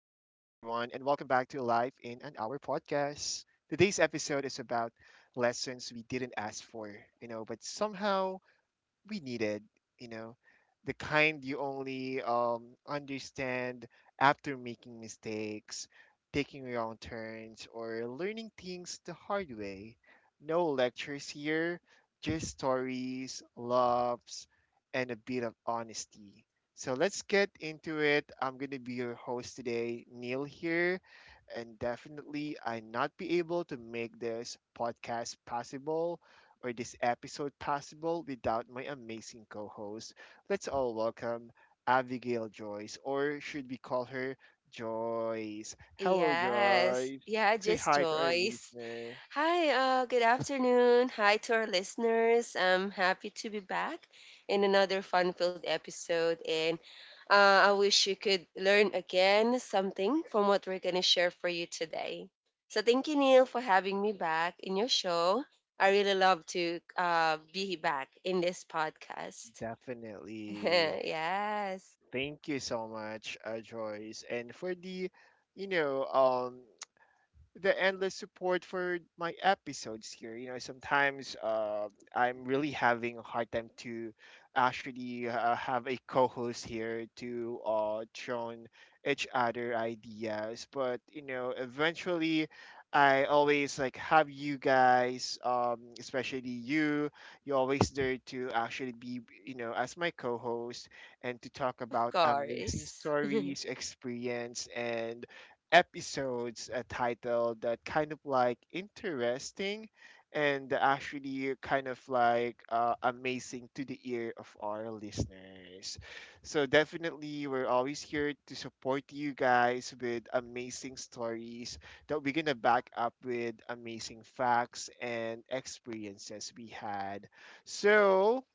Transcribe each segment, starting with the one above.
in an Hour podcast. Today's episode is about lessons we didn't ask for, you know, but somehow we needed, you know, the kind you only understand after making mistakes, taking wrong turns, or learning things the hard way. No lectures here, just stories, loves, and a bit of honesty. So let's get into it. I'm going to be your host today, Neil here, and definitely I not be able to make this podcast possible or this episode possible without my amazing co host. Let's all welcome Abigail Joyce, or should we call her Joyce? Hello, Yes. Joyce. Yeah, Say just hi to our Joyce. listener. Hi, good afternoon. Hi to our listeners. I'm happy to be back in another fun-filled episode. And uh, I wish you could learn again something from what we're going to share for you today. So thank you, Neil, for having me back in your show. I really love to be back in this podcast. Definitely. Yes, Thank you so much, Joyce. And for the, you know, um, the endless support for my episodes here. You know, sometimes I'm really having a hard time to actually have a co-host here to thrown each other ideas. But you know, eventually, I always like have you guys, especially you. You're always there to actually be, you know, as my co-host and to talk of about amazing course. stories, experience, and episodes titled that kind of like interesting and actually kind of like amazing to the ear of our listeners. So definitely we're always here to support you guys with amazing stories that we're going to back up with amazing facts and experiences we had. So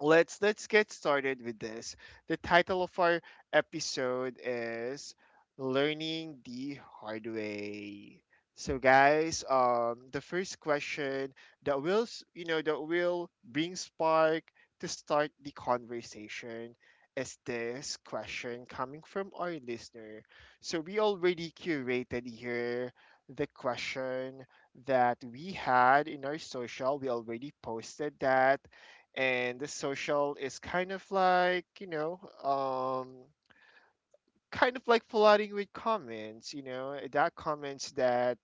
let's get started with this. The title of our episode is Learning the Hard Way. So guys, the first question that you know that will bring spark to start the conversation is this question coming from our listener. So we already curated here the question that we had in our social. We already posted that, and the social is kind of like, kind of like flooding with comments, you know, that comments that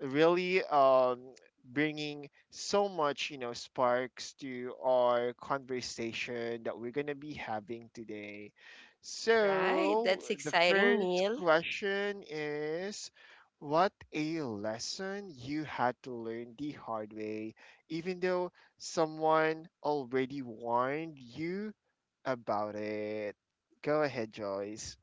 really bringing so much, you know, sparks to our conversation that we're going to be having today. All right, So that's the exciting, first Neil. question is, what a lesson you had to learn the hard way even though someone already warned you about it? Go ahead, Joyce.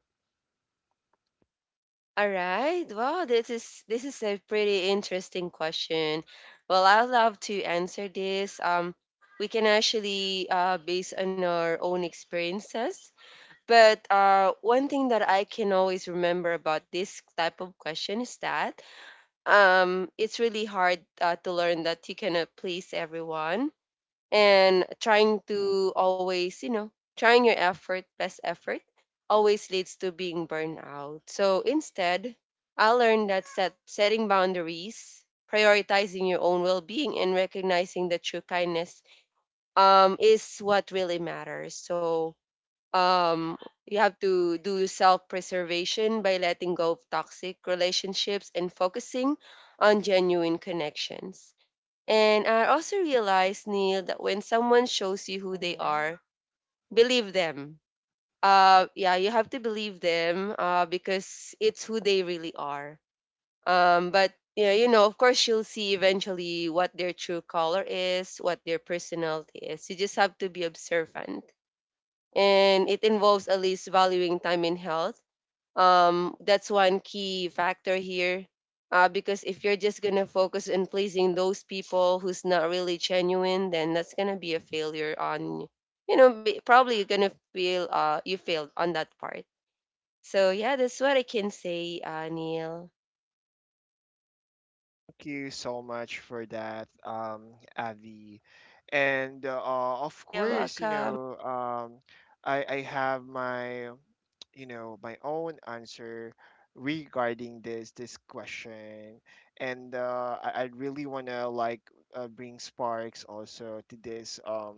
All right. Wow, this is a pretty interesting question. Well, I'd love to answer this. We can actually base on our own experiences. But one thing that I can always remember about this type of question is that it's really hard to learn that you cannot please everyone, and trying to always, you know, trying your effort best effort always leads to being burned out. So instead, I learned that setting boundaries, prioritizing your own well-being, and recognizing the true kindness, is what really matters. So um, you have to do self-preservation by letting go of toxic relationships and focusing on genuine connections. And I also realized, Neil, that when someone shows you who they are, believe them. Yeah, you have to believe them because it's who they really are. But yeah, you know, of course, you'll see eventually what their true color is, what their personality is. You just have to be observant. And it involves at least valuing time and health. That's one key factor here, because if you're just gonna focus on pleasing those people who's not really genuine, then that's gonna be a failure on, you know, probably you're gonna feel you failed on that part. So yeah, that's what I can say, Neil. Thank you so much for that, Avi. And of Hi, you're course, welcome. I have my, you know, my own answer regarding this question, and I really wanna like bring sparks also to this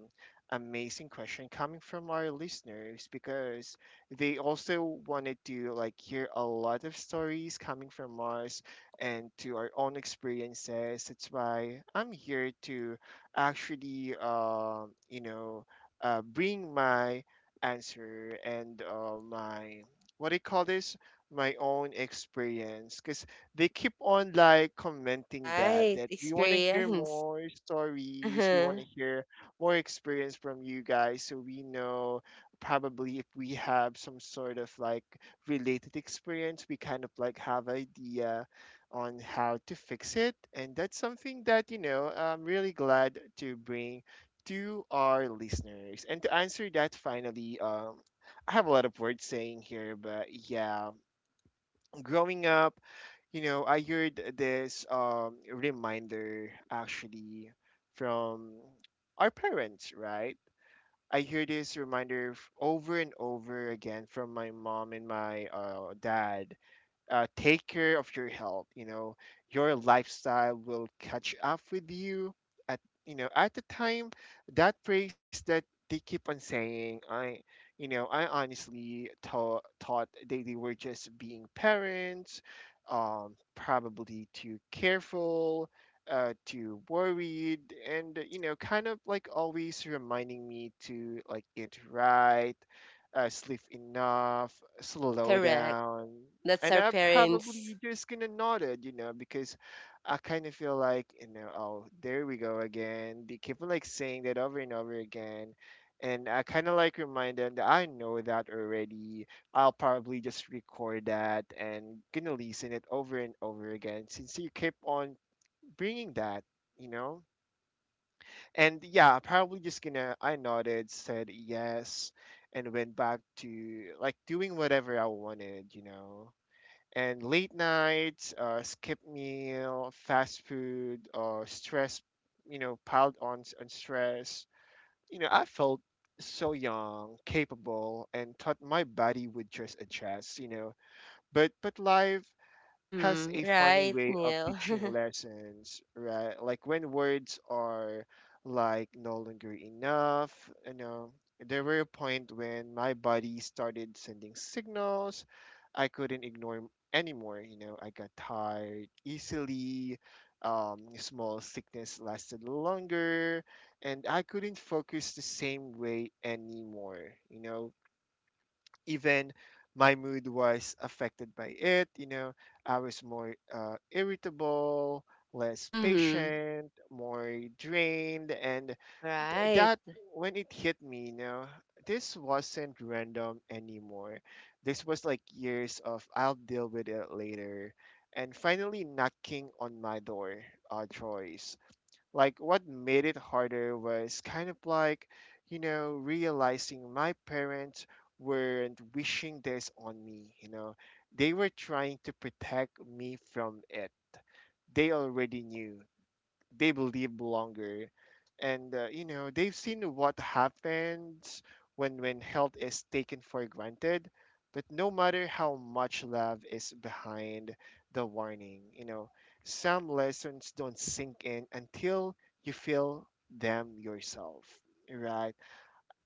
amazing question coming from our listeners because they also wanted to like hear a lot of stories coming from us and to our own experiences. That's why I'm here to actually, bring my answer and my what do you call this? My own experience, because they keep on like commenting that Right, that we want to hear experience. more stories, we want Uh-huh. to hear more experience from you guys, so we know probably if we have some sort of like related experience we kind of like have idea on how to fix it. And that's something that, you know, I'm really glad to bring to our listeners. And to answer that finally, I have a lot of words saying here, but yeah, growing up, you know, I heard this reminder actually from our parents, right? I hear this reminder over and over again from my mom and my dad. Take care of your health, you know, your lifestyle will catch up with you at, you know, at the time. That phrase that they keep on saying, I, you know, I honestly thought they were just being parents, probably too careful, too worried, and you know, kind of like always reminding me to like eat right, sleep enough, slow Correct, down. that's And our I'm parents. probably just gonna nod it, you know, because I kind of feel like, you know, oh, there we go again. They keep on like saying that over and over again. And I kind of like remind them that I know that already. I'll probably just record that and gonna listen it over and over again since you keep on bringing that, you know? And yeah, probably just gonna, I nodded, said yes, and went back to like doing whatever I wanted, you know? And late nights, skip meal, fast food, or stress, you know, piled on on stress. You know, I felt so young, capable, and thought my body would just adjust. You know, but life has Mm-hmm. a funny Right, way of Neil. teaching lessons, right? Like when words are like no longer enough, you know. There were a point when my body started sending signals I couldn't anymore, you know. I got tired easily, small sickness lasted longer, and I couldn't focus the same way anymore, you know, even my mood was affected by it. You know, I was more irritable, less Mm-hmm. patient, more drained, and th- Right. that when it hit me, you know, this wasn't random anymore. This was like years of I'll deal with it later, and finally knocking on my door, Joyce. Like what made it harder was kind of like, you know, realizing my parents weren't wishing this on me, you know, they were trying to protect me from it. They already knew they will live longer, and you know, they've seen what happens when health is taken for granted. But no matter how much love is behind the warning, you know, some lessons don't sink in until you feel them yourself, right?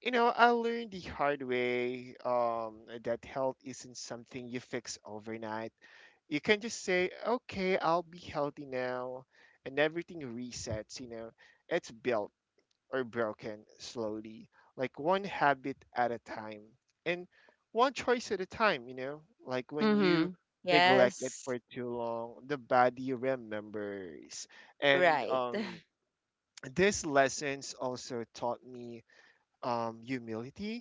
You know, I learned the hard way that health isn't something you fix overnight. You can just say, okay, I'll be healthy now, and everything resets, you know. It's built or broken slowly, like one habit at a time and one choice at a time, you know. Like when Mm-hmm. you neglect it Yes. for too long, the body remembers. And Right, these lessons also taught me humility.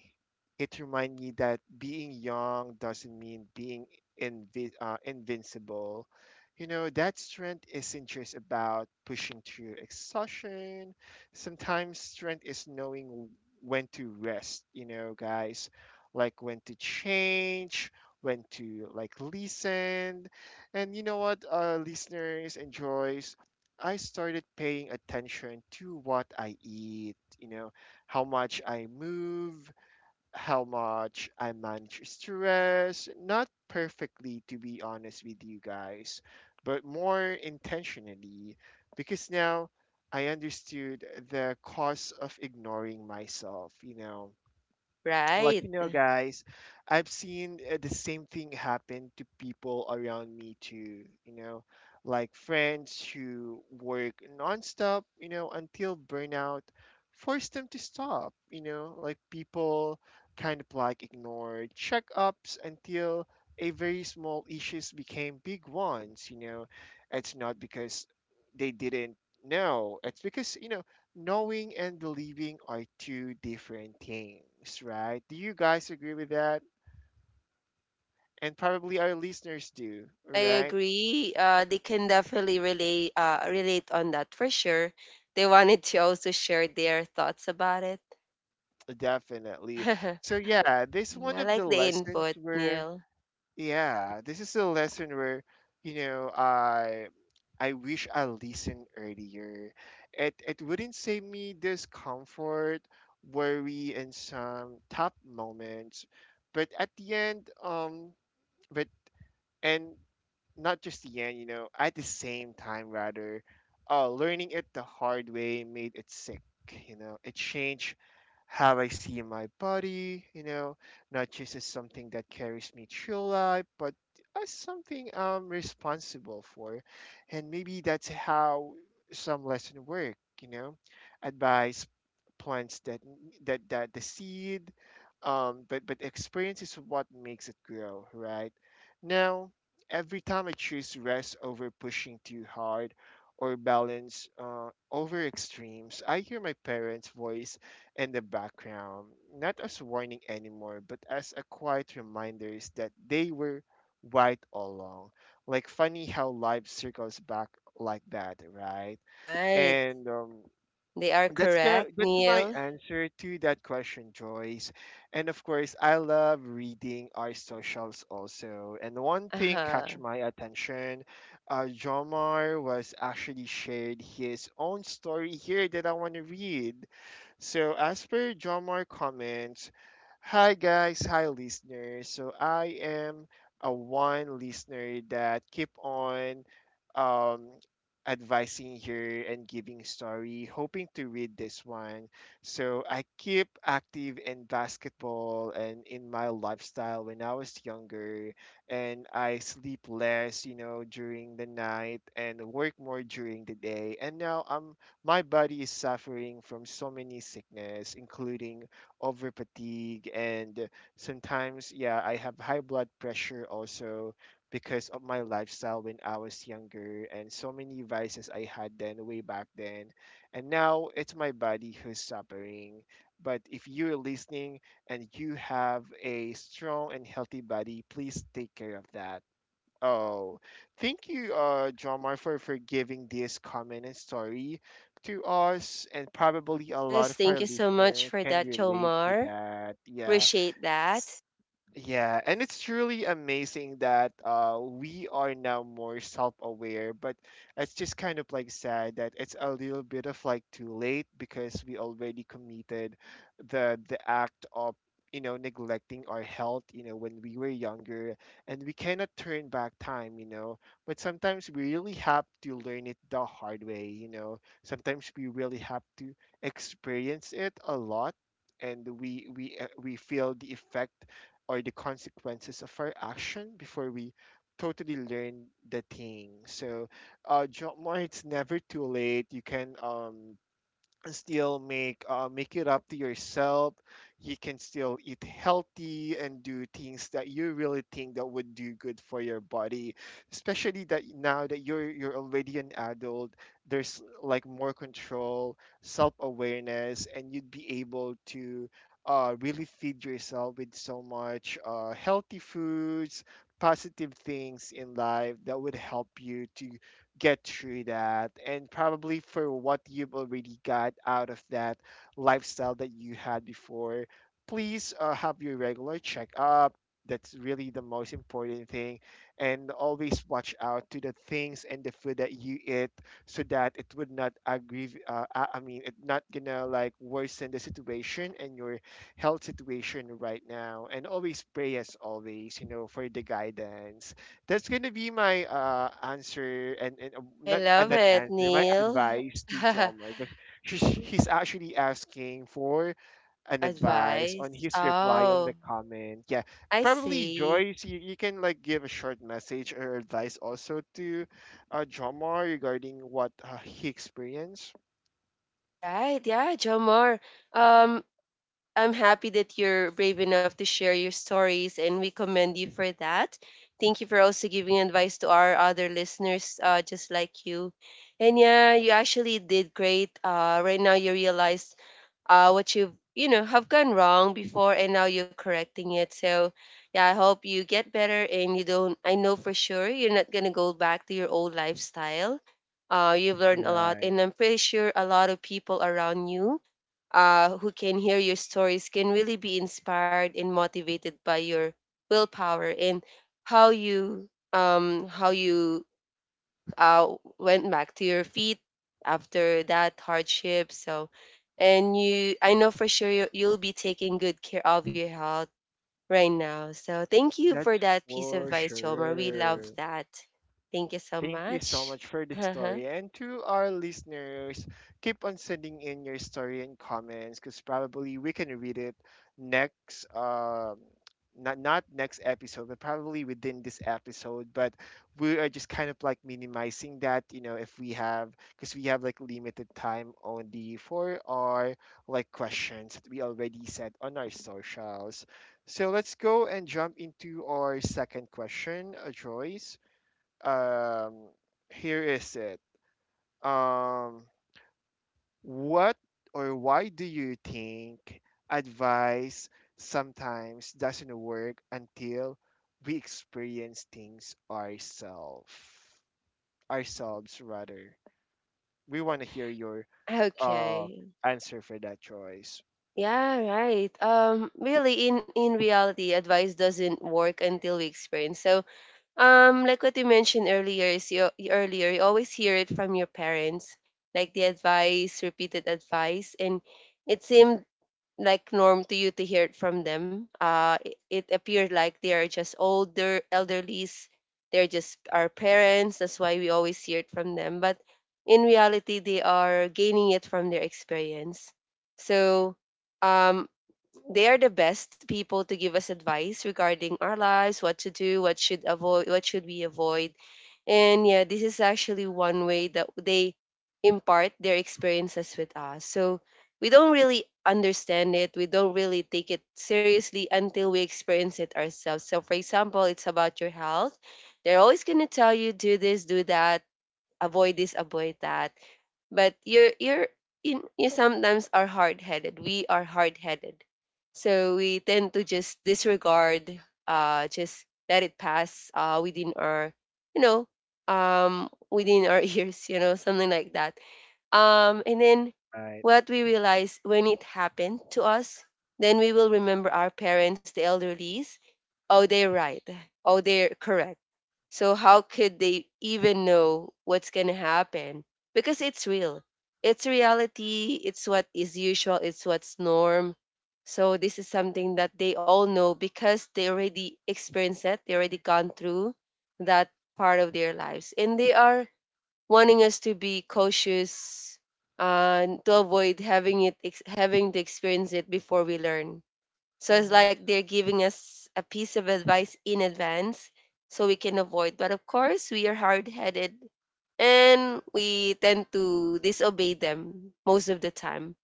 It reminds me that being young doesn't mean being invincible. You know, that strength isn't just about pushing through exhaustion. Sometimes strength is knowing when to rest, you know, guys, like when to change, when to like listen. And you know what, listeners and Joyce, I started paying attention to what I eat, you know, how much I move, how much I manage stress. Not perfectly, to be honest with you guys, but more intentionally because now I understood the cost of ignoring myself, you know, right. like you know guys, I've seen the same thing happen to people around me too, you know, like friends who work nonstop, you know, until burnout forced them to stop, you know, like people kind of like ignored checkups until a very small issues became big ones, you know. It's not because they didn't know, it's because you know, knowing and believing are two different things, right? Do you guys agree with that? And probably our listeners do, I right? agree. They can definitely relate, relate on that for sure. They wanted to also share their thoughts about it. Definitely. I So yeah, this one of like the the lessons input, where Neil. yeah, this is a lesson where, you know, I wish I listened earlier. It wouldn't save me discomfort, worry, and some tough moments, but at the end but and not just the end, you know, at the same time, rather, learning it the hard way made it sick. You know, it changed how I see my body, you know, not just as something that carries me through life, but as something I'm responsible for. And maybe that's how some lesson work, you know, advice plants that the seed, but experience is what makes it grow, right? Now every time I choose rest over pushing too hard or balance over extremes, I hear my parents' voice in the background, not as warning anymore, but as a quiet reminders that they were right all along. Like funny how life circles back like that, right? Right, And they are correct, that's my Neil. answer to that question, Joyce. And of course, I love reading our socials also. And one thing catch Uh-huh. my attention, Jomar was actually shared his own story here that I want to read. So as per Jomar comments, hi guys, hi listeners. So I am a one listener that keep on um advising here and giving story, hoping to read this one. So I keep active in basketball and in my lifestyle when I was younger, and I sleep less, you know, during the night and work more during the day. And now I'm my body is suffering from so many sickness, including over fatigue and sometimes yeah, I have high blood pressure also because of my lifestyle when I was younger and so many vices I had then way back then. And now it's my body who's suffering. But if you're listening and you have a strong and healthy body, please take care of that. Oh, thank you, John Mar, for giving this comment and story to us, and probably a lot Yes, of thank our you so much listener for can that, relate to Jomar. that. Yeah. Appreciate that. Yeah, and it's truly amazing that we are now more self-aware, but it's just kind of like sad that it's a little bit of like too late because we already committed the act of neglecting our health when we were younger and we cannot turn back time, but sometimes we really have to learn it the hard way, sometimes we really have to experience it a lot and we feel the effect or the consequences of our action before we totally learn the thing. So, job more, it's never too late. You can and still make make it up to yourself. You can still eat healthy and do things that you really think that would do good for your body, especially that now that you're already an adult, there's like more control, self-awareness, and you'd be able to really feed yourself with so much healthy foods, positive things in life that would help you to get through that. And probably for what you've already got out of that lifestyle that you had before, please have your regular checkup. That's really the most important thing, and always watch out to the things and the food that you eat, so that it would not aggrave I mean it not gonna like worsen the situation and your health situation right now. And always pray as always, for the guidance. That's gonna be my answer and, and uh, I not uh, love not it, answer, my Neil. advice to Jomer, because he's actually asking for an advice Advice. on his reply on Oh, the comment. Yeah, I probably see. Joyce, you can like give a short message or advice also to Jomar regarding what he experienced. All right, yeah, Jomar. Um, I'm happy that you're brave enough to share your stories, and we commend you for that. Thank you for also giving advice to our other listeners, just like you. And yeah, you actually did great. Right now you realize what you know, have gone wrong before and now you're correcting it. So yeah, I hope you get better, and you don't, I know for sure you're not going to go back to your old lifestyle. Uh, you've learned a lot, Right, and I'm pretty sure a lot of people around you, who can hear your stories can really be inspired and motivated by your willpower and how you, how you went back to your feet after that hardship. So, and you, I know for sure you, you'll be taking good care of your health right now. So, thank you that's for that piece of for advice, Choma. We love sure. that. Thank you so Thank you so much. much for the story. And to our listeners, keep on sending in your story and comments because probably we can read it next, not next episode, but probably within this episode. But we are just kind of like minimizing that, you know, if we have, because we have like limited time only for our like questions that we already said on our socials. So let's go and jump into our second question, Joyce, um, here is it. Um, what or why do you think advice sometimes doesn't work until we experience things ourselves? Ourselves, rather. We want to hear your uh, Okay. answer for that choice. Yeah, right. Really, in reality, advice doesn't work until we experience. So like what you mentioned earlier, is you, earlier you always hear it from your parents, like the advice, repeated advice, and it seemed like norm to you to hear it from them. It appeared like they are just older elderlies. They're just our parents. That's why we always hear it from them. But in reality, they are gaining it from their experience. So um, they are the best people to give us advice regarding our lives, what to do, what should we avoid. And yeah, this is actually one way that they impart their experiences with us. So we don't really take it seriously until we experience it ourselves. So for example, it's about your health, they're always going to tell you do this, do that, avoid this, avoid that. But you sometimes are hard-headed, we are hard-headed. So we tend to just disregard, just let it pass within our, you know, within our ears, you know, something like that. And then Right. what we realize when it happened to us, then we will remember our parents, the elderlies. Oh, they're right. Oh, they're correct. So how could they even know what's gonna happen? Because it's real. It's reality. It's what is usual. It's what's norm. So this is something that they all know because they already experienced it. They already gone through that part of their lives, and they are wanting us to be cautious, to avoid having having to experience it before we learn. So it's Mm-hmm. like they're giving us a piece of advice in advance so we can avoid. But of course, we are hard headed and we tend to disobey them most of the time.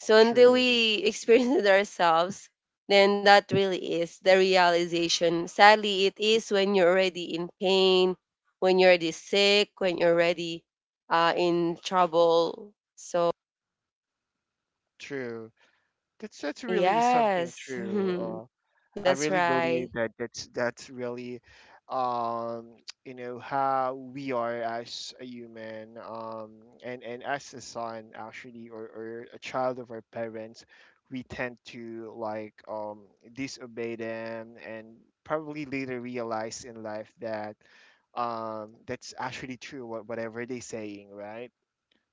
So until True. we experience it ourselves, then that really is the realization. Sadly, it is when you're already in pain, when you're already sick, when you're already in trouble. So, True. That's really something yes, true. Uh, I that's really right. believe that that's really, um, you know, how we are as a human, and as a son actually, or a child of our parents, we tend to like disobey them, and probably later realize in life that that's actually true what whatever they're saying, right?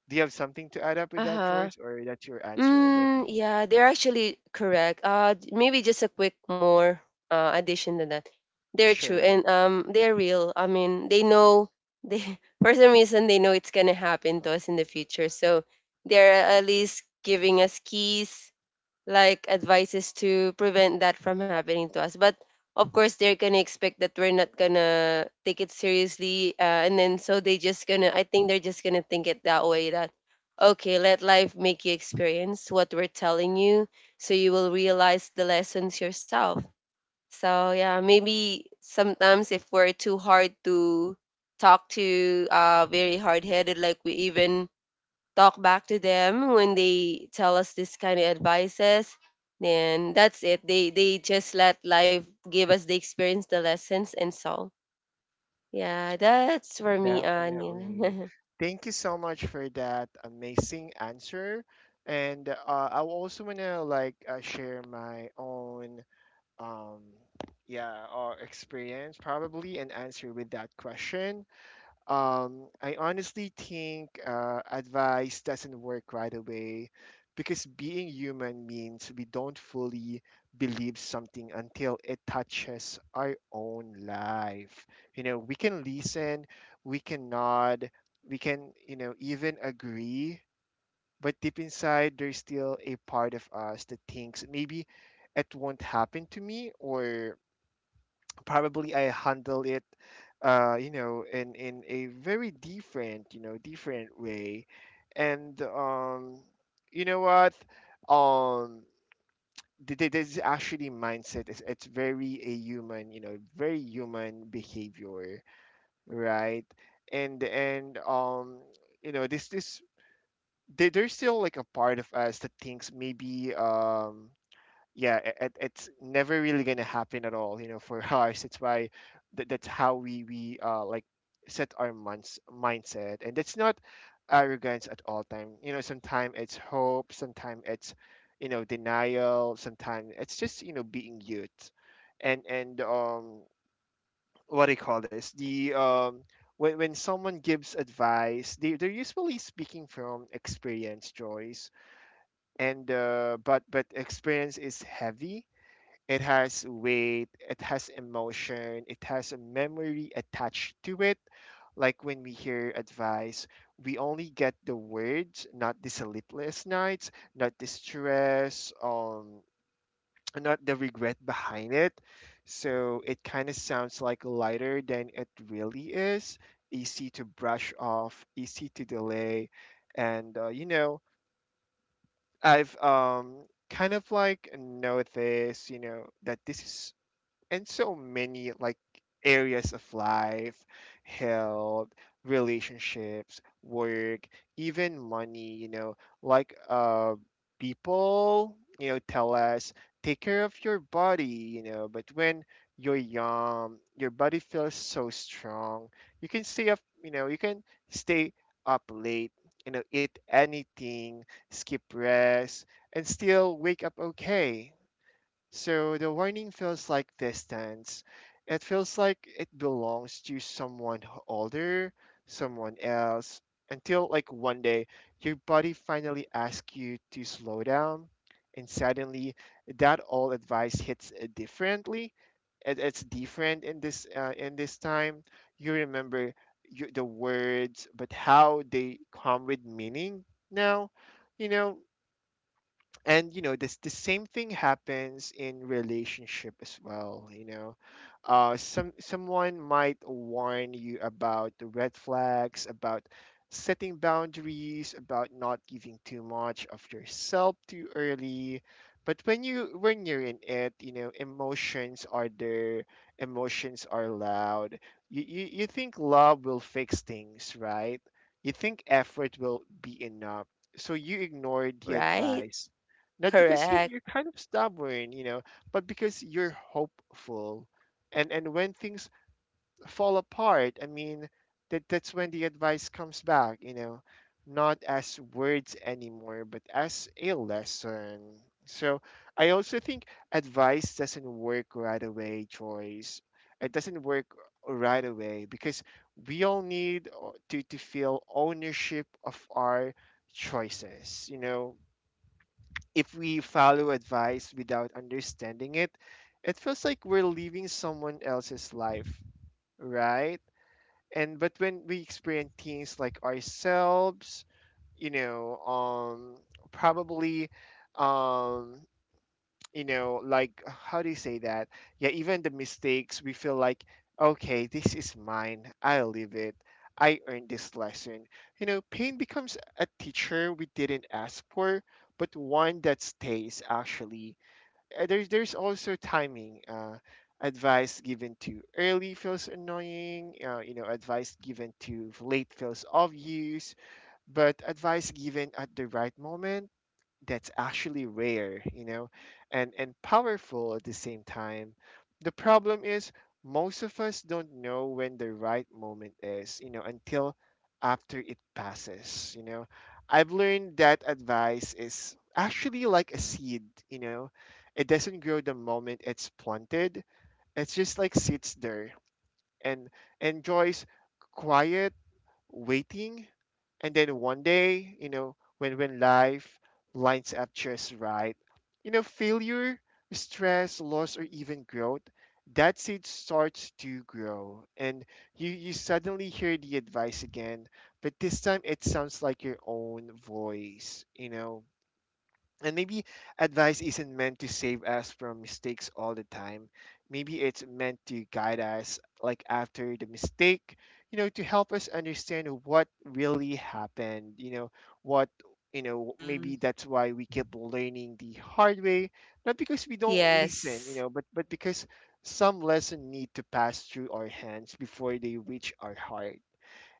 Do you have something to add up Uh with that huh. choice, or that's your answer Mm, already? yeah, they're actually correct. Maybe just a quick more addition to that. They're true and Sure. They're real. I mean, they know, they for some reason they know it's gonna happen to us in the future, so they're at least giving us keys like advices to prevent that from happening to us. But of course, they're gonna expect that we're not gonna take it seriously, and then so they just gonna. I think they're just gonna think it that way that okay, let life make you experience what we're telling you, so you will realize the lessons yourself. So yeah, maybe sometimes if we're too hard to talk to, very hard headed, like we even talk back to them when they tell us this kind of advices, then that's it, they just let life give us the experience, the lessons. And so yeah, that's for me, Definitely. onion. Thank you so much for that amazing answer. And I also want to like share my own um yeah or experience probably and answer with that question. I honestly think advice doesn't work right away because being human means we don't fully believe something until it touches our own life. You know, we can listen, we can nod, we can, you know, even agree, but deep inside, there's still a part of us that thinks maybe it won't happen to me, or probably I handle it, you know, in a very different, you know, different way. And um, you know what, um, this is actually mindset. It's very a human, you know, very human behavior, right? And um, you know, this there's still like a part of us that thinks maybe um, yeah, it's never really going to happen at all, you know, for us. It's why that's how we, like set our months mindset, and that's not arrogance at all time. You know, sometimes it's hope, sometimes it's, you know, denial, sometimes it's just, you know, being youth. And um, what do you call this, the um, when someone gives advice, they're usually speaking from experience, Joyce. And but experience is heavy. It has weight, it has emotion, it has a memory attached to it. Like when we hear advice, we only get the words, not the sleepless nights, not the stress, not the regret behind it. So it kind of sounds like lighter than it really is. Easy to brush off, easy to delay, and you know, I've kind of like noticed, you know, that this is and so many like areas of life, health, relationships, work, even money, you know, like uh, people, you know, tell us, take care of your body, you know. But when you're young, your body feels so strong. You can stay up, you know, you can stay up late, you know, eat anything, skip rest, and still wake up okay. So the warning feels like distance. It feels like it belongs to someone h- older, someone else, until like one day your body finally asks you to slow down. And suddenly that old advice hits differently. It's different in this time. You remember the words, but how they come with meaning now. You know, and you know, this the same thing happens in relationship as well, you know. Uh, someone might warn you about the red flags, about setting boundaries, about not giving too much of yourself too early. But when you're in it, you know, emotions are there, emotions are loud. You think love will fix things, right? You think effort will be enough, so you ignore the Right. advice, not because Correct. you're kind of stubborn, you know, but because you're hopeful. And when things fall apart, I mean, that that's when the advice comes back, you know, not as words anymore but as a lesson. So I also think advice doesn't work right away, choice. It doesn't work right away because we all need to feel ownership of our choices, you know. If we follow advice without understanding it, it feels like we're living someone else's life, right? And but when we experience things like ourselves, you know, probably, um, you know, like how do you say that, yeah, even the mistakes, we feel like, okay, this is mine, I live it, I earned this lesson, you know. Pain becomes a teacher we didn't ask for, but one that stays actually. There's also timing. Uh, advice given too early feels annoying, you know, advice given too late feels obvious, but advice given at the right moment, that's actually rare, you know, and powerful at the same time. The problem is most of us don't know when the right moment is, you know, until after it passes, you know. I've learned that advice is actually like a seed, you know. It doesn't grow the moment it's planted. It's just like sits there and enjoys quiet, waiting. And then one day, you know, when life lines up just right, you know, failure, stress, loss, or even growth, that seed starts to grow, and you suddenly hear the advice again, but this time it sounds like your own voice, you know. And maybe advice isn't meant to save us from mistakes all the time. Maybe it's meant to guide us, like after the mistake, you know, to help us understand what really happened, you know, what, you know, maybe Mm. that's why we keep learning the hard way, not because we don't listen, you Yes. know, but because some lesson need to pass through our hands before they reach our heart.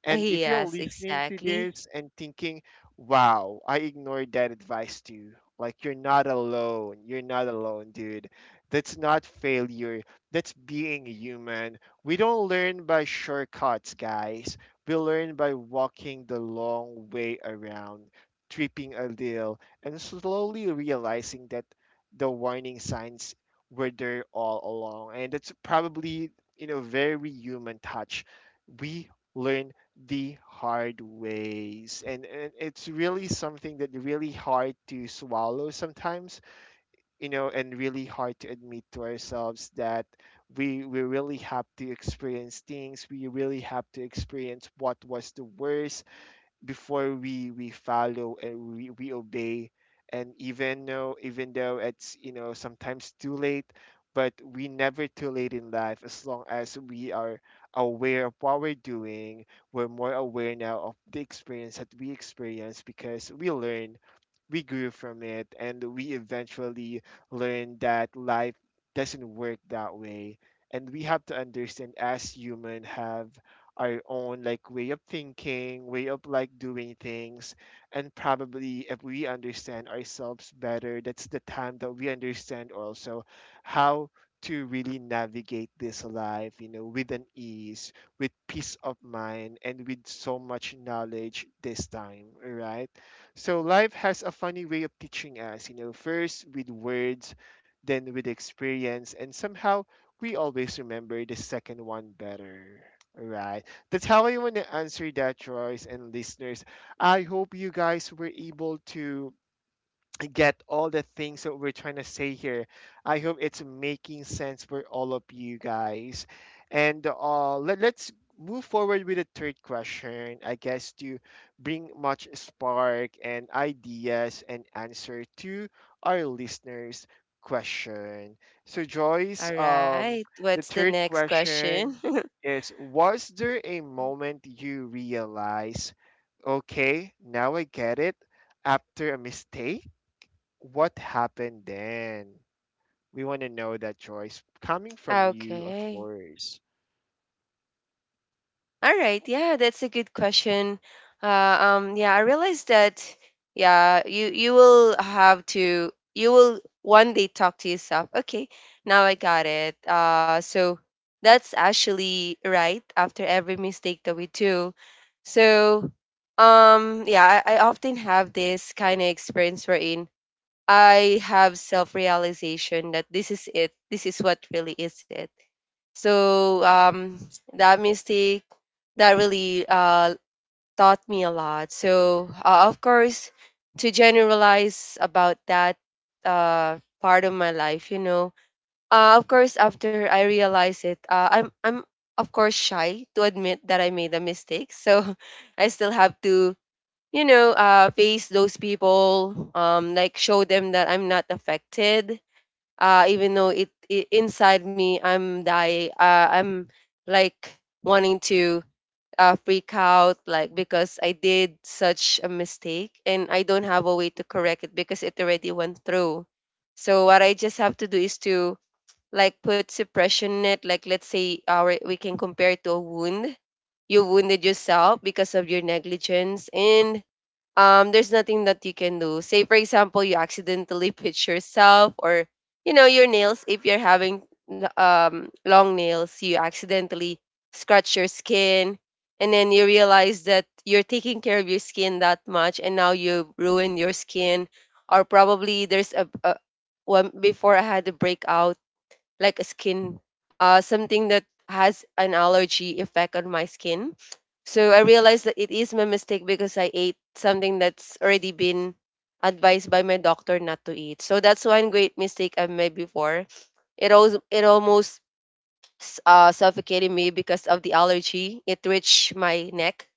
And if you're Yes, listening to exactly. this and thinking, wow, I ignored that advice too, like you're not alone. You're not alone, dude. That's not failure, that's being human. We don't learn by shortcuts, guys. We learn by walking the long way around, tripping a little, and slowly realizing that the warning signs were there all along. And that's probably, you know, very human touch. We learn the hard ways and it's really something that really hard to swallow sometimes, you know, and really hard to admit to ourselves that we really have to experience things. We really have to experience what was the worst before we follow and we obey. And even though it's, you know, sometimes too late, but we never too late in life as long as we are aware of what we're doing. We're more aware now of the experience that we experience because we learn, we grew from it, and we eventually learned that life doesn't work that way. And we have to understand as human have our own like way of thinking, way of like doing things. And probably if we understand ourselves better, that's the time that we understand also how to really navigate this life, you know, with an ease, with peace of mind, and with so much knowledge this time, right? So life has a funny way of teaching us, you know, first with words, then with experience, and somehow we always remember the second one better, right? That's how I want to answer that, Joyce and listeners. I hope you guys were able to get all the things that we're trying to say here. I hope it's making sense for all of you guys. And let's move forward with the third question, I guess, to bring much spark and ideas and answer to our listeners' question. So, Joyce, All right, the what's the third next question question? is, was there a moment you realize, okay, now I get it? After a mistake, what happened then? We want to know that, Joyce. Coming from you, of Okay. course. All right. Yeah, that's a good question. Uh, yeah, I realized that. Yeah, you will have to. You will one day talk to yourself. Okay, now I got it. So that's actually right. After every mistake that we do, so yeah, I often have this kind of experience wherein I have self realization that this is it. This is what really is it. So that mistake that really taught me a lot. So, of course, to generalize about that part of my life, you know, of course, after I realized it, uh, I'm of course shy to admit that I made a mistake. So, I still have to, you know, face those people, like show them that I'm not affected. Even though it inside me, I'm die. I'm like wanting to freak out, like because I did such a mistake and I don't have a way to correct it because it already went through. So what I just have to do is to like put suppression in it. Like let's say our we can compare it to a wound. You wounded yourself because of your negligence, and there's nothing that you can do. Say for example, you accidentally pitch yourself, or you know, your nails, if you're having the, long nails, you accidentally scratch your skin, and then you realize that you're taking care of your skin that much and now you ruin your skin. Or probably there's a when before I had a breakout, like a skin, something that has an allergy effect on my skin. So I realized that it is my mistake because I ate something that's already been advised by my doctor not to eat. So that's one great mistake I made before. It also it almost suffocated me because of the allergy. It reached my neck.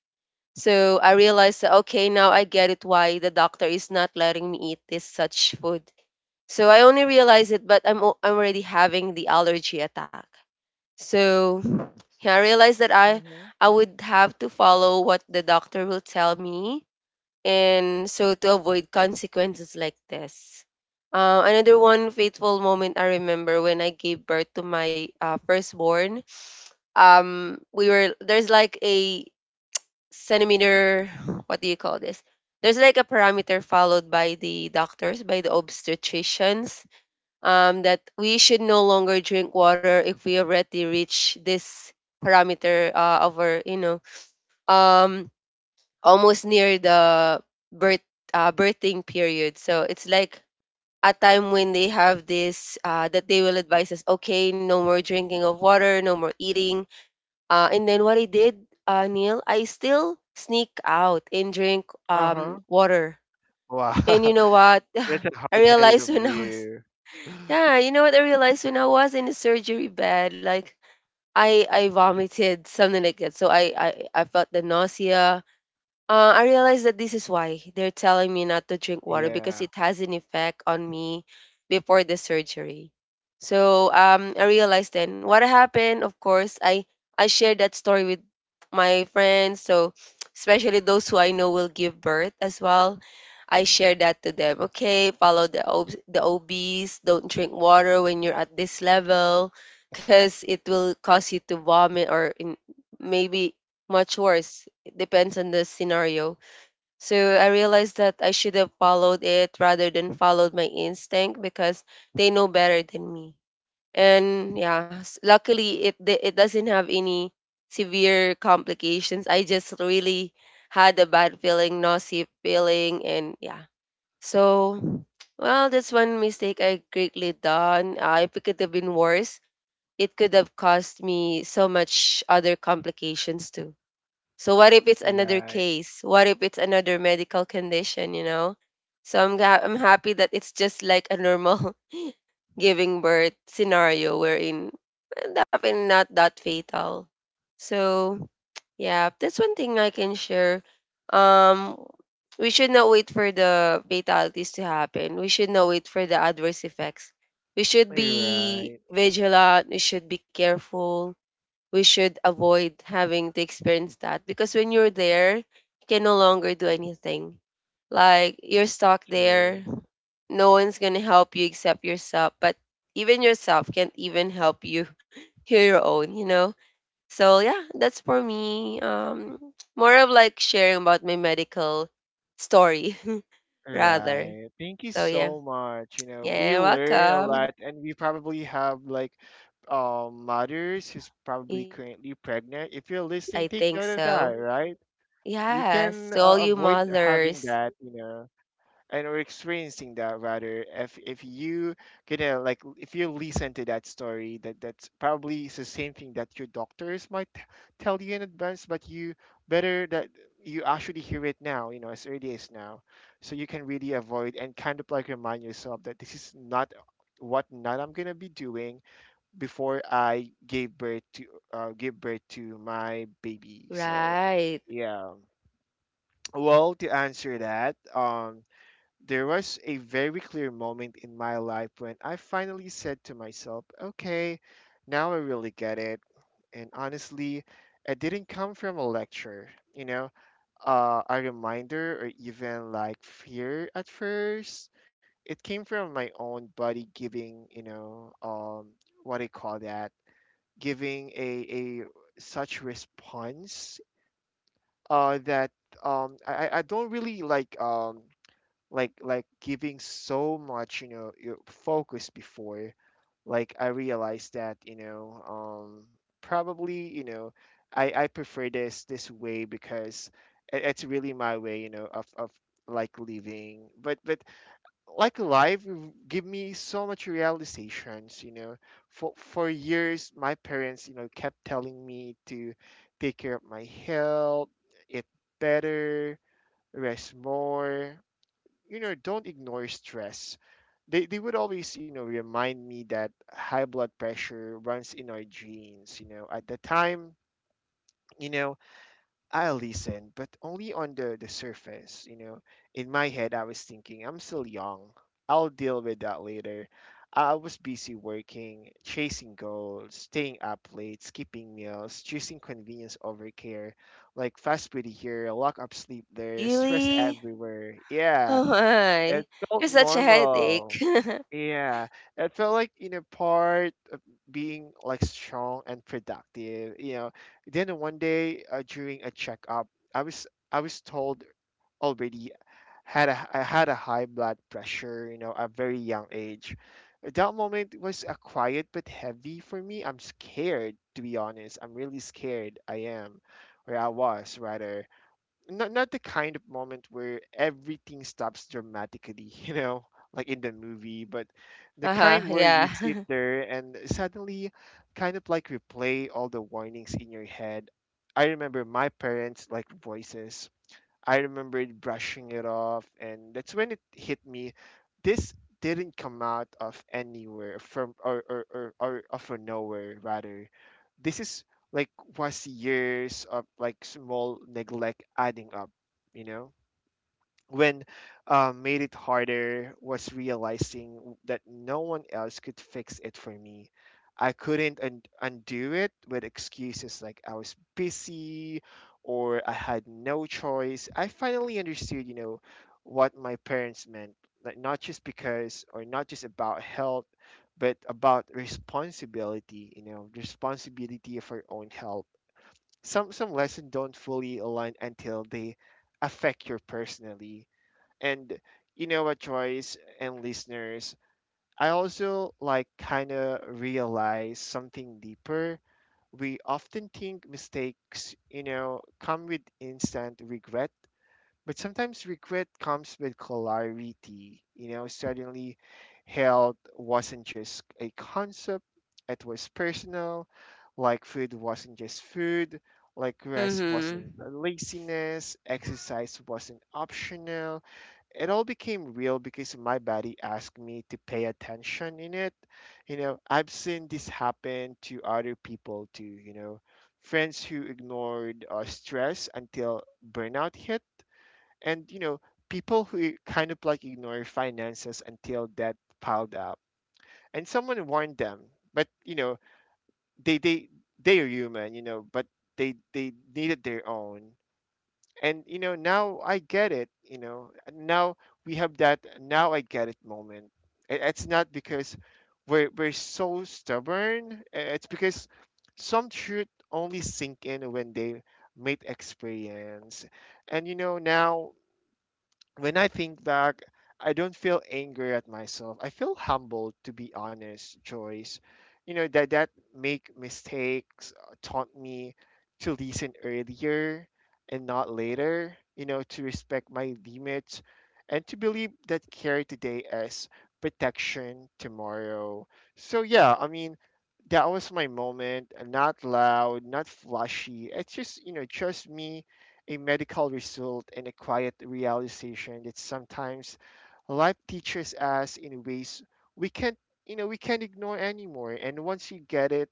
So I realized that, okay, now I get it why the doctor is not letting me eat this such food. So I only realized it, but I'm I'm already having the allergy attack. So yeah, I realized that Mm-hmm. I would have to follow what the doctor will tell me, and so to avoid consequences like this. Another one fateful moment I remember when I gave birth to my firstborn. We were, there's like a centimeter. What do you call this? There's like a parameter followed by the doctors, by the obstetricians that we should no longer drink water if we already reach this parameter of our, um, almost near the birth birthing period. So it's like a time when they have this that they will advise us, okay, no more drinking of water, no more eating. And then what I did, Neil, I still sneak out and drink Uh huh. water. Wow. And you know what? That's a I hard headed of realized when I was you. Yeah, you know what I realized when I was in the surgery bed, like I vomited something like that. So I felt the nausea. I realized that this is why they're telling me not to drink water because Yeah. it has an effect on me before the surgery. So I realized then what happened. Of course, I shared that story with my friends. So especially those who I know will give birth as well. I shared that to them. Okay, follow the the OBs. Don't drink water when you're at this level, because it will cause you to vomit or maybe much worse depends on the scenario. So I realized that I should have followed it rather than followed my instinct because they know better than me. And yeah, luckily it doesn't have any severe complications. I just really had a bad feeling, nausea feeling, and yeah. So well, that's one mistake I greatly done. If it could have been worse, it could have caused me so much other complications too. So what if it's another Right. case? What if it's another medical condition, you know? So I'm happy that it's just like a normal giving birth scenario wherein definitely not that fatal. So yeah, that's one thing I can share. Um we should not wait for the fatalities to happen. We should not wait for the adverse effects. We should be Right. vigilant, we should be careful, we should avoid having to experience that because when you're there, you can no longer do anything. Like you're stuck True. there, no one's gonna help you except yourself. But even yourself can't even help you. You your own, you know. So yeah, that's for me. More of like sharing about my medical story rather. Right. Thank you So yeah, so much. You know, we yeah, learn a welcome. lot and we probably have like mothers who's probably Yes, currently I pregnant. If bet you're listening, I take think note of that, so. right? You Yes, can to all you avoid having mothers. that, you know, and are experiencing that rather if you gonna like if you listen to that story, that that's probably is the same thing that your doctors might tell you in advance, but you better that you actually hear it now, you know, as early as now, so you can really avoid and kind of like remind yourself that this is not what not I'm gonna be doing before I gave birth to give birth to my baby. So Right. yeah, well, to answer that, there was a very clear moment in my life when I finally said to myself, okay, now I really get it. And honestly, it didn't come from a lecture, you know, a reminder or even like fear at first. It came from my own body giving, you know, what do you call that? Giving a such response that um, I don't really like. Like giving so much, you know, your focus before like I realized that, you know, probably you know I prefer this way because it's really my way, you know, of like living, but like life give me so much realizations, you know. For years my parents, you know, kept telling me to take care of my health, eat better, rest more, you know, don't ignore stress. They would always, you know, remind me that high blood pressure runs in our genes, you know. At the time, you know, I listened but only on the surface, you know. In my head I was thinking, I'm still young, I'll deal with that later. I was busy working, chasing goals, staying up late, skipping meals, choosing convenience over care. Like fast food here, lock up sleep there, stress Really? everywhere. Yeah, Oh my. it felt You're such a normal. headache. Yeah, it felt like, you know, part of being like strong and productive. You know, then one day during a checkup, I was told already had a I had a high blood pressure. You know, at a very young age. That moment was a quiet but heavy for me. I'm scared, to be honest. I'm really scared. I am, or I was rather, not the kind of moment where everything stops dramatically, you know, like in the movie, but the Uh-huh, kind where you yeah. sit there and suddenly kind of like replay all the warnings in your head. I remember my parents like voices. I remembered brushing it off, and that's when it hit me. This didn't come out of anywhere, from or of a nowhere rather. This is like was years of like small neglect adding up, you know. When made it harder was realizing that no one else could fix it for me. I couldn't undo it with excuses like I was busy or I had no choice. I finally understood, you know, what my parents meant, like not just because, or not just about health, but about responsibility, you know, responsibility of our own health. Some lessons don't fully align until they affect you personally. And you know what, Joyce and listeners, I also like kind of realize something deeper. We often think mistakes, you know, come with instant regret, but sometimes regret comes with clarity. You know, suddenly health wasn't just a concept, it was personal. Like food wasn't just food, like rest wasn't Mm-hmm. laziness, exercise wasn't optional. It all became real because my body asked me to pay attention in it. You know, I've seen this happen to other people too, you know, friends who ignored stress until burnout hit, and, you know, people who kind of like ignore finances until debt piled up. And someone warned them, but, you know, they, they, they are human, you know, but they needed their own. And you know, now I get it. You know, now we have that "now I get it" moment. It's not because we're so stubborn, it's because some truth only sink in when they meet experience. And you know, now when I think back, I don't feel angry at myself. I feel humbled, to be honest, Joyce. You know that make mistakes taught me to listen earlier and not later. You know, to respect my limits and to believe that care today as protection tomorrow. So yeah, I mean, that was my moment. Not loud, not flashy. It's just, you know, just me, a medical result, and a quiet realization that sometimes life teaches us in ways we can't you know we can't ignore anymore. And once you get it,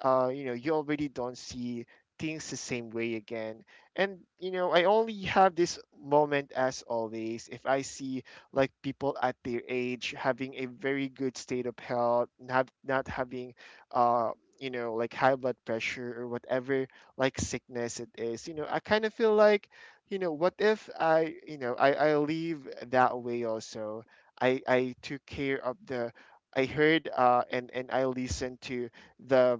you know, you already don't see things the same way again. And you know, I only have this moment as always. If I see like people at their age having a very good state of health, not having uh you know, like high blood pressure or whatever like sickness it is, you know, I kind of feel like, you know, what if I leave that way also. I took care of the, I heard, and I listened to the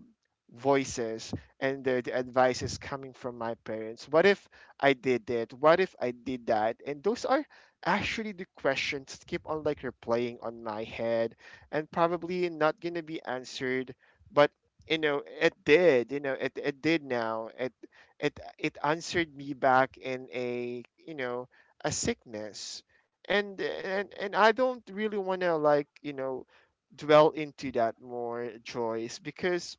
voices and the advices coming from my parents. What if I did that? What if I did that? And those are actually the questions that keep on like replaying on my head and probably not gonna be answered. But you know, it, it did now, it it answered me back in a, you know, a sickness. And I don't really want to like, you know, dwell into that more, Joyce, because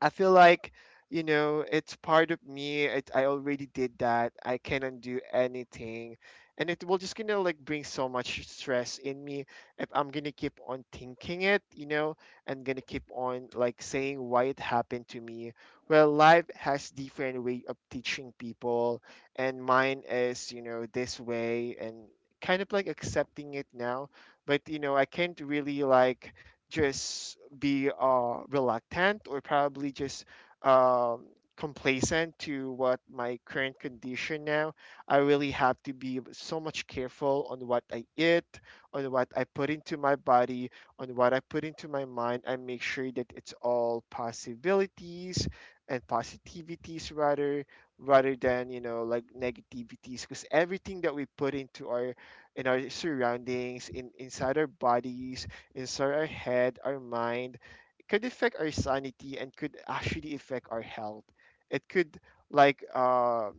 I feel like, you know, it's part of me. It, I already did that. I cannot do anything. And it will just gonna like bring so much stress in me if I'm gonna keep on thinking it, you know, and gonna keep on like saying why it happened to me. Well, life has different way of teaching people, and mine is, you know, this way, and kind of like accepting it now. But you know, I can't really like just be reluctant, or probably just um, complacent to what my current condition now. I really have to be so much careful on what I eat, on what I put into my body, on what I put into my mind, and make sure that it's all possibilities and positivities rather, rather than, you know, like negativities, because everything that we put into our in our surroundings, in inside our bodies, inside our head, our mind, it could affect our sanity and could actually affect our health. It could like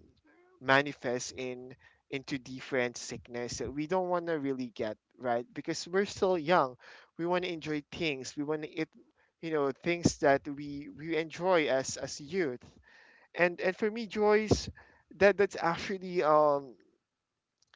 manifest in into different sickness that we don't want to really get, right? Because we're still young. We want to enjoy things. We want to eat, you know, things that we enjoy as youth. And for me, Joyce, that that's actually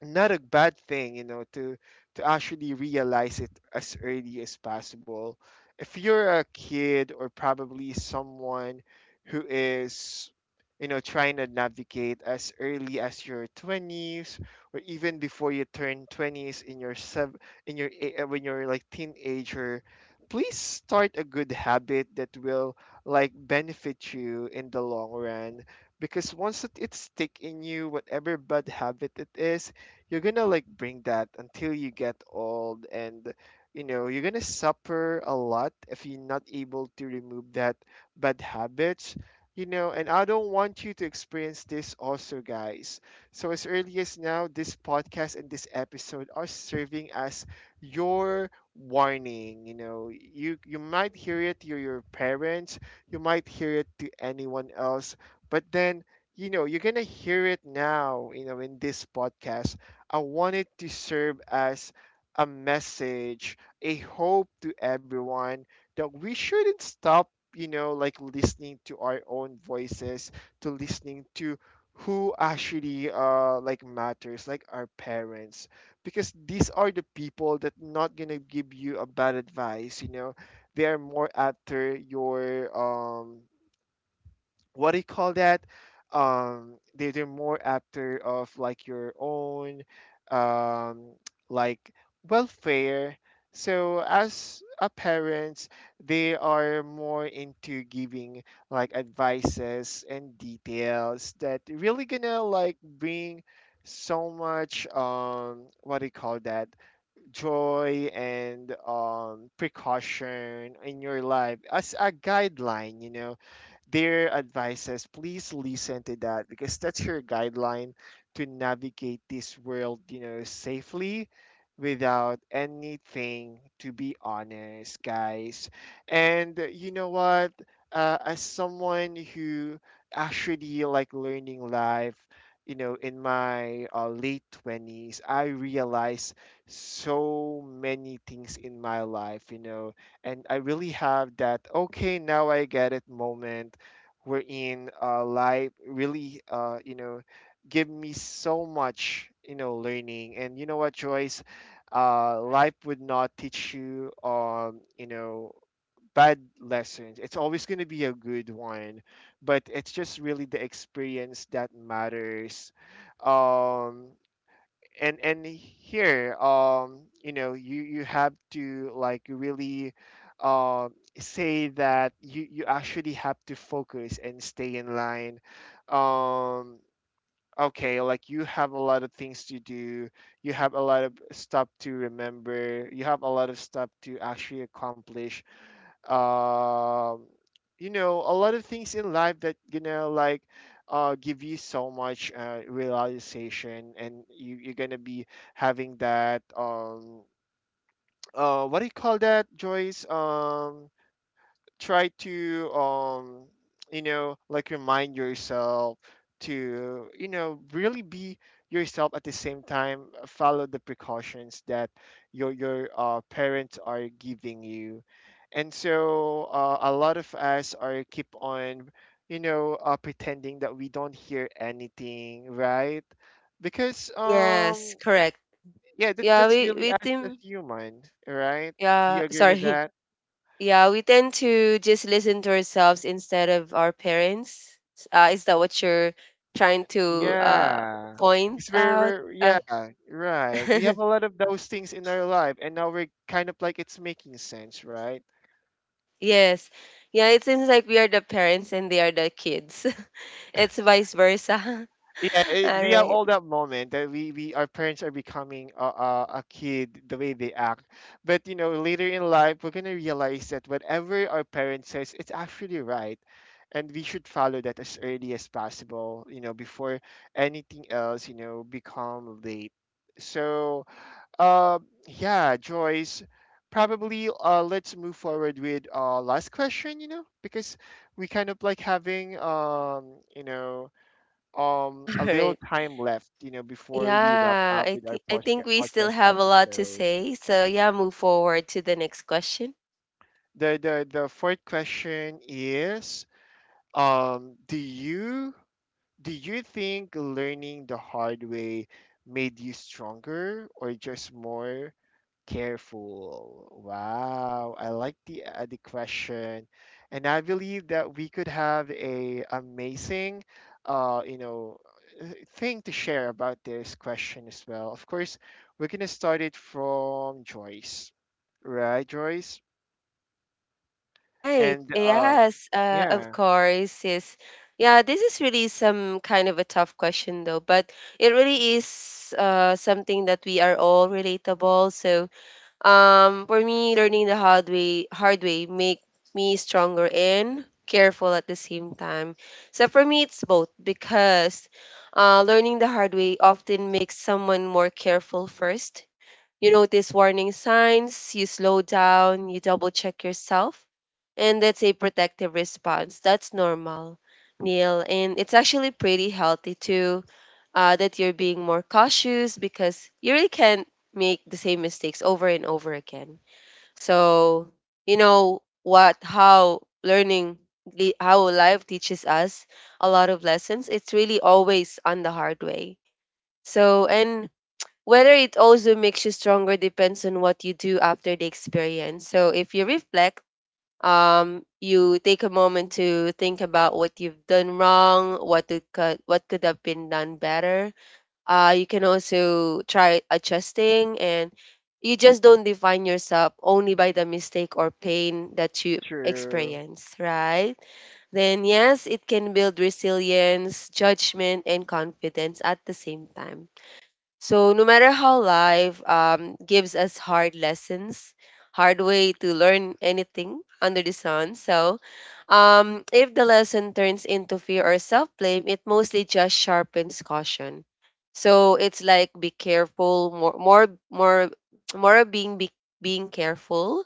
not a bad thing, you know, to actually realize it as early as possible. If you're a kid or probably someone who is, trying to navigate as early as your 20s or even before you turn 20s in your sev in your a- when you're like teenager, please start a good habit that will like benefit you in the long run because once it, it's stick in you whatever bad habit it is, you're gonna like bring that until you get old, and you know you're gonna suffer a lot if you're not able to remove that bad habits, you know. And I don't want you to experience this also, guys. So as early as now, this podcast and this episode are serving as your warning, you know. You might hear it to your parents, you might hear it to anyone else, but then, you know, you're gonna hear it now, you know, in this podcast. I want it to serve as a message, a hope to everyone, that we shouldn't stop, like listening to our own voices, to listening to who actually like matters, like our parents, because these are the people that not gonna give you a bad advice, they are more after your what do you call that? They're more after of like your own, um, like, welfare. So as a parents, they are more into giving like advices and details that really gonna like bring so much, what do you call that, joy and precaution in your life as a guideline, you know. Their advices, please listen to that because that's your guideline to navigate this world, you know, safely without anything, to be honest, guys. And you know what? As someone who actually like learning life, you know, in my late 20s, I realized so many things in my life, you know, and I really have that okay now I get it moment wherein life really, give me so much, you know, learning. And you know what, Joyce, life would not teach you, bad lessons. It's always going to be a good one, but it's just really the experience that matters. Um, and here, you know, you have to like really, um say that you actually have to focus and stay in line. um okay, like, you have a lot of things to do, you have a lot of stuff to remember, you have a lot of stuff to actually accomplish, um, you know, a lot of things in life that, you know, like, give you so much realization, and you you're gonna be having that, what do you call that, Joyce? Try to, you know, like, remind yourself to, you know, really be yourself. At the same time, follow the precautions that your parents are giving you. And so, a lot of us are keep on, pretending that we don't hear anything, right? Because, Yes, correct. yeah, that, Yeah, that's we really we us as think, human, right? Do yeah, you agree with sorry. that? Yeah, we tend to just listen to ourselves instead of our parents. Is that what you're trying to uh Yeah. point It's out? Yeah, right. We have a lot of those things in our life, and now we're kind of like it's making sense, right? Yes. Yeah, it seems like we are the parents and they are the kids. It's vice versa. Yeah, it, All we have right. all that moment that we our parents are becoming a kid the way they act. But you know, later in life, we're gonna realize that whatever our parents says, it's actually right, and we should follow that as early as possible. You know, before anything else, you know, become late. So, Uh, yeah, Joyce. Probably let's move forward with last question, you know, because we kind of like having All a little right. time left, you know, before we wrap Yeah, up I with our think I think podcast we still podcast have a lot to episode. say. So yeah, move forward to the next question. The fourth question is, do you think learning the hard way made you stronger or just more careful. Wow, I like the, the question, and I believe that we could have a amazing, uh, you know, uh, thing to share about this question as well. Of course, we're gonna start it from Joyce, right, Joyce? Right. And Yes, of yeah. course. Yes. Yeah, this is really some kind of a tough question though, but it really is something that we are all relatable. So for me, learning the hard way, make me stronger and careful at the same time. So for me, it's both because learning the hard way often makes someone more careful first. You notice warning signs, you slow down, you double check yourself, and that's a protective response. That's normal, Neil. And it's actually pretty healthy too, that you're being more cautious because you really can't make the same mistakes over and over again. So, you know what, how how life teaches us a lot of lessons, it's really always on the hard way. So, and whether it also makes you stronger depends on what you do after the experience. So if you reflect, you take a moment to think about what you've done wrong, what could have been done better. You can also try adjusting, and you just don't define yourself only by the mistake or pain that you True. experience, right? Then yes, it can build resilience, judgment, and confidence at the same time. So no matter how life gives us hard lessons, hard way to learn anything under the sun. So if the lesson turns into fear or self-blame, it mostly just sharpens caution. So it's like be careful, more more of being being careful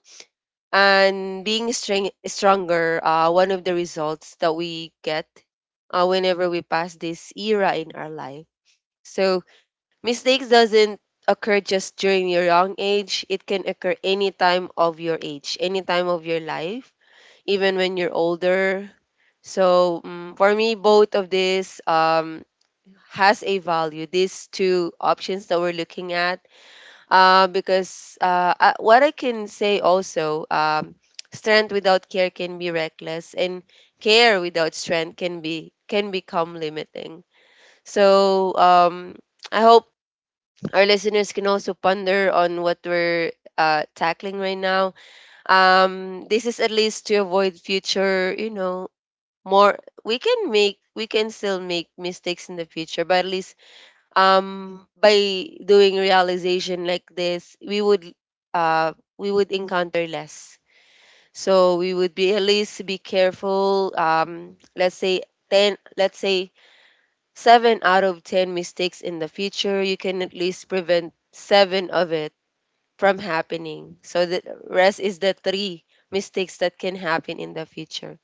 and being stronger. One of the results that we get whenever we pass this era in our life. So Mistakes doesn't occur just during your young age. It can occur any time of your age, any time of your life, even when you're older. So mm for me, both of this has a value. These two options that we're looking at, because what I can say also, strength without care can be reckless, and care without strength can become limiting. So I hope our listeners can also ponder on what we're tackling right now. This is at least to avoid future, you know, more. We can still make mistakes in the future, but at least by doing realization like this, we would encounter less. So we would be at least be careful. Let's say 10, let's say seven out of 10 mistakes in the future, you can at least prevent seven of it from happening. So the rest is the three mistakes that can happen in the future.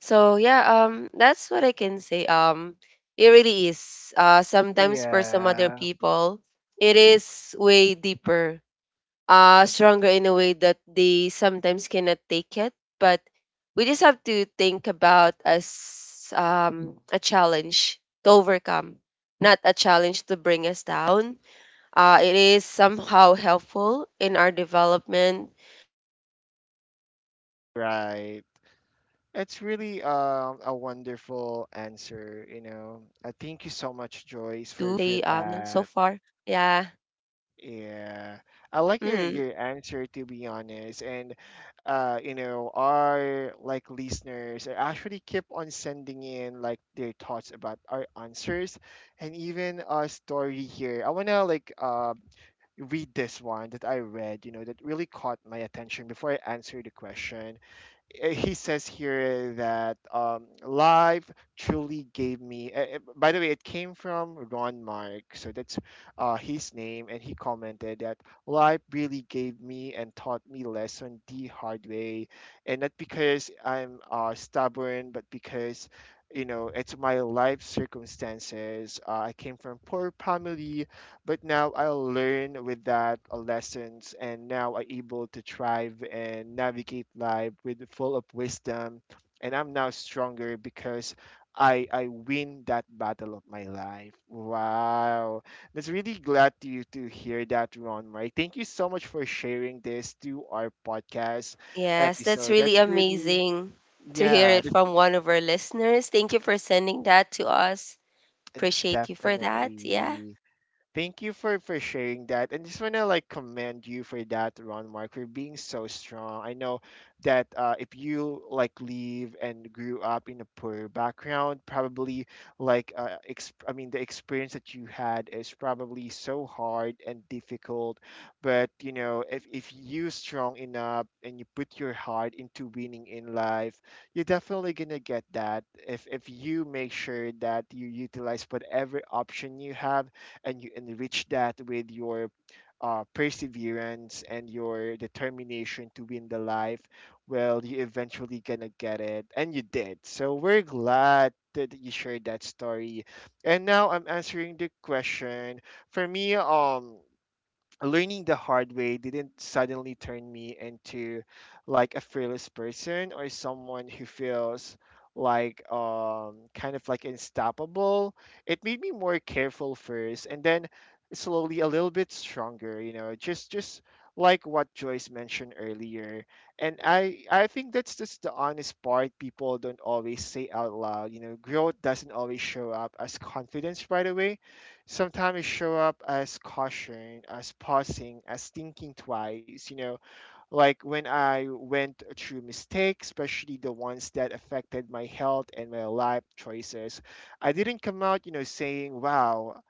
So yeah, that's what I can say. It really is. Sometimes for some other Yeah. people, it is way deeper, stronger in a way that they sometimes cannot take it, but we just have to think about as a challenge to overcome, not a challenge to bring us down. It is somehow helpful in our development in bringing Right. better outcomes to It's whatever we really, do. A wonderful So yeah, answer, you what I know. can that's Thank what you I so can much, say, Joyce, Neil, for so that. far. Yeah. Yeah, I like Hmm. your answer, to be honest, and you know, our like listeners are actually keep on sending in like their thoughts about our answers, and even our story here. I wanna like read this one that I read, you know, that really caught my attention before I answer the question. He says here that, live truly gave me. By the way, it came from Ron Mark, so that's his name, and he commented that life really gave me and taught me lesson the hard way, and not because I'm, stubborn, but because, you know, it's my life circumstances. I came from poor family, but now I'll learn with that, lessons, and now I'm able to thrive and navigate life with full of wisdom. And I'm now stronger because I win that battle of my life. Wow, that's really glad to you to hear that, Ron. Mike, thank you so much for sharing this to our podcast Yes, that's episode. really That's really, amazing to hear yeah, it that's from one of our listeners. Thank you for sending that to us. Appreciate you for that. Yeah, definitely. Thank you for sharing that, and just wanna like commend you for that, Ron Mark, for being so strong. I know that, if you like live and grew up in a poor background, probably like, I mean, the experience that you had is probably so hard and difficult. But you know, if you strong enough and you put your heart into winning in life, you're definitely gonna get that. If you make sure that you utilize whatever option you have and you enrich that with your, perseverance and your determination to win the life, well, you eventually gonna get it, and you did. So we're glad that you shared that story. And now I'm answering the question. For me, learning the hard way didn't suddenly turn me into like a fearless person or someone who feels like, kind of like unstoppable. It made me more careful first, and then slowly a little bit stronger, you know, just like what Joyce mentioned earlier. And I think that's just the honest part people don't always say out loud. You know, growth doesn't always show up as confidence right away, sometimes show up as caution, as pausing, as thinking twice, you know, like when I went through mistakes, especially the ones that affected my health and my life choices, I didn't come out, you know, saying, wow,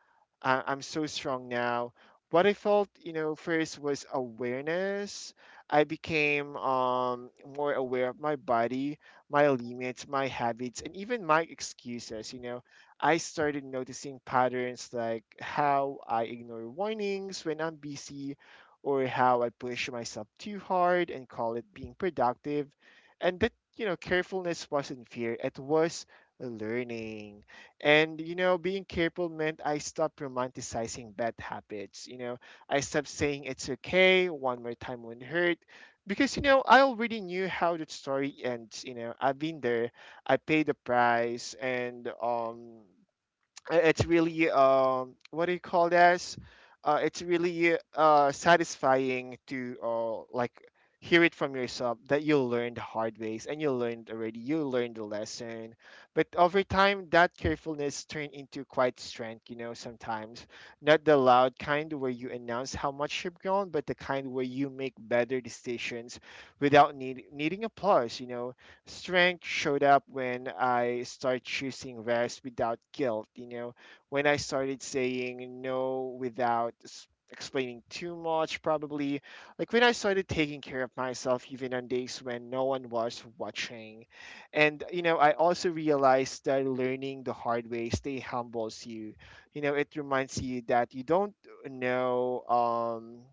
I'm so strong now. What I felt, you know, first was awareness. I became, more aware of my body, my limits, my habits, and even my excuses. You know, I started noticing patterns like how I ignore warnings when I'm busy, or how I push myself too hard and call it being productive. And that, you know, carefulness wasn't fear, it was learning. And, you know, being careful meant I stopped romanticizing bad habits. You know, I stopped saying it's okay, one more time won't hurt. Because, you know, I already knew how the story ends. You know, I've been there, I paid the price, and, it's really, what do you call this, it's really satisfying to like hear it from yourself, that you learned the hard ways and you learned already, you learned the lesson. But over time, that carefulness turned into quite strength, you know, sometimes not the loud kind where you announce how much you've grown, but the kind where you make better decisions without needing applause, you know. Strength showed up when I started choosing rest without guilt, you know, when I started saying no without explaining too much, probably, like when I started taking care of myself even on days when no one was watching. And, you know, I also realized that learning the hard way, stay humbles you. You know, it reminds you that you don't know.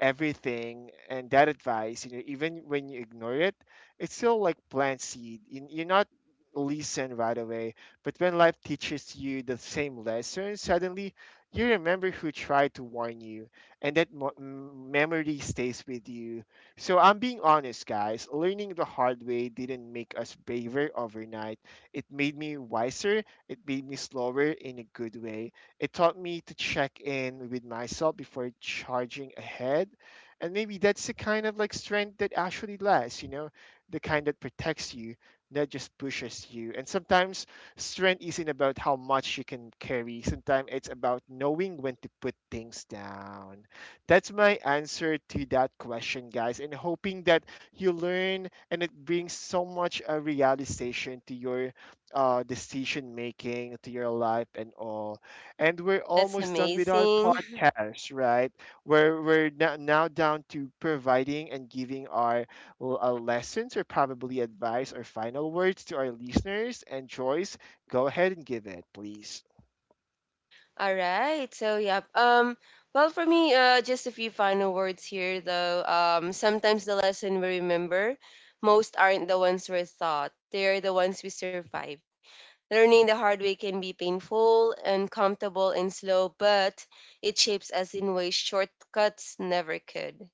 Everything and that advice, you know, even when you ignore it, it's still like plant seed. You're not listen right away, but when life teaches you the same lesson, suddenly you remember who tried to warn you, and that memory stays with you. So I'm being honest, guys. Learning the hard way didn't make us braver overnight. It made me wiser. It made me slower in a good way. It taught me to check in with myself before charging ahead. And maybe that's the kind of like strength that actually lasts, you know, the kind that protects you, not just pushes you. And sometimes strength isn't about how much you can carry, sometimes it's about knowing when to put things down. That's my answer to that question, guys, and hoping that you learn and it brings so much a realization to your, decision making, to your life, and all. And we're that's almost done with our amazing. podcast, right? Where we're now down to providing and giving our, lessons or probably advice or final words to our listeners. And Joyce, go ahead and give it, please. All right. So yeah. Well, for me, just a few final words here though. Sometimes the lesson we remember most aren't the ones we're taught. They're the ones we survive. Learning the hard way can be painful, uncomfortable and slow, but it shapes us in ways shortcuts never could.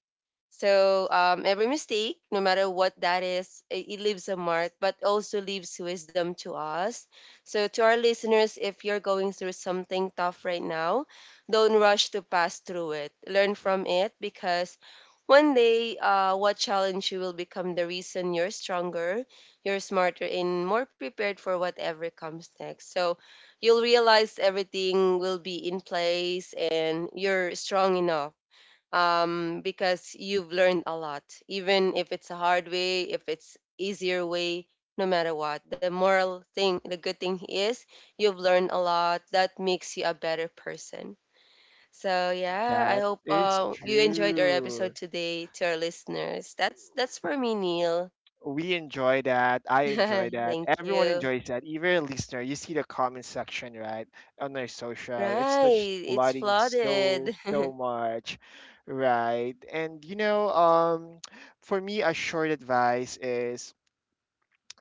So every mistake, no matter what that is, it leaves a mark, but also leaves wisdom to us. So to our listeners, if you're going through something tough right now, don't rush to pass through it. Learn from it because one day, what challenge you will become the reason you're stronger, you're smarter, and more prepared for whatever comes next. So you'll realize everything will be in place and you're strong enough, because you've learned a lot, even if it's a hard way, if it's easier way, no matter what. The moral thing, the good thing is you've learned a lot. That makes you a better person. So yeah, I That hope is you enjoyed our episode true. today to our listeners. That's for me, Neil. We enjoy that. I enjoy that. Thank Everyone you. enjoys that. Even a listener, you see the comment section, right? On their social. It's Right, like just it's flooding so flooded. so much. Right. And you know, for me a short advice is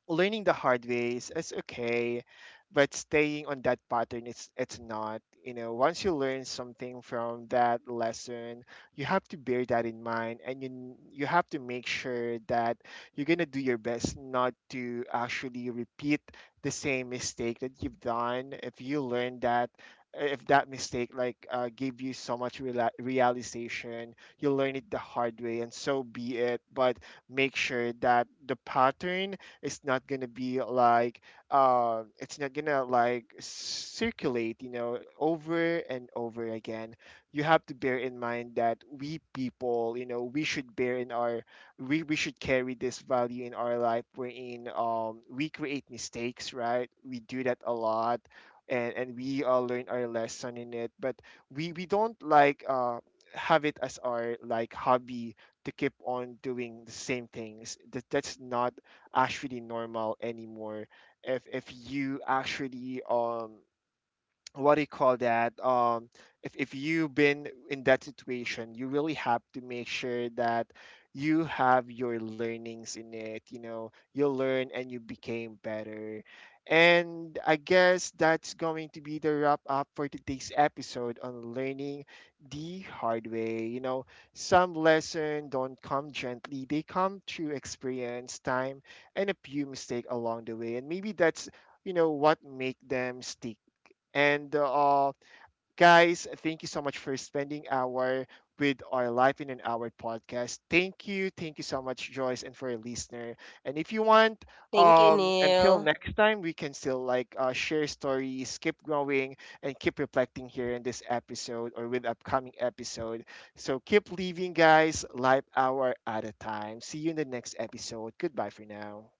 learning the hard ways is okay, but staying on that pattern, it's not. You know, once you learn something from that lesson, you have to bear that in mind, and you have to make sure that you're gonna do your best not to actually repeat the same mistake that you've done. If you learn that. If that mistake like, gave you so much realization, you learn it the hard way, and so be it. But make sure that the pattern, it's not gonna be like, it's not gonna like circulate, you know, over and over again. You have to bear in mind that we people, you know, we should bear in our we should carry this value in our life, wherein, we create mistakes, right, we do that a lot, and we all learn our lesson in it. But we don't like, have it as our like hobby to keep on doing the same things, that that's not actually normal anymore. If you actually, what do you call that, if you've been in that situation, you really have to make sure that you have your learnings in it, you know, you learn and you became better. And I guess that's going to be the wrap up for today's episode on learning the hard way, you know. Some lessons don't come gently, they come through experience, time, and a few mistake along the way, and maybe that's, you know, what make them stick. And guys, thank you so much for spending our with our life in an hour podcast. Thank you so much, Joyce, and for a listener. And if you want, Thank you, until Neil. next time, we can still like share stories, keep growing, and keep reflecting here in this episode or with upcoming episode. So keep leaving, guys, life hour at a time. See you in the next episode. Goodbye for now.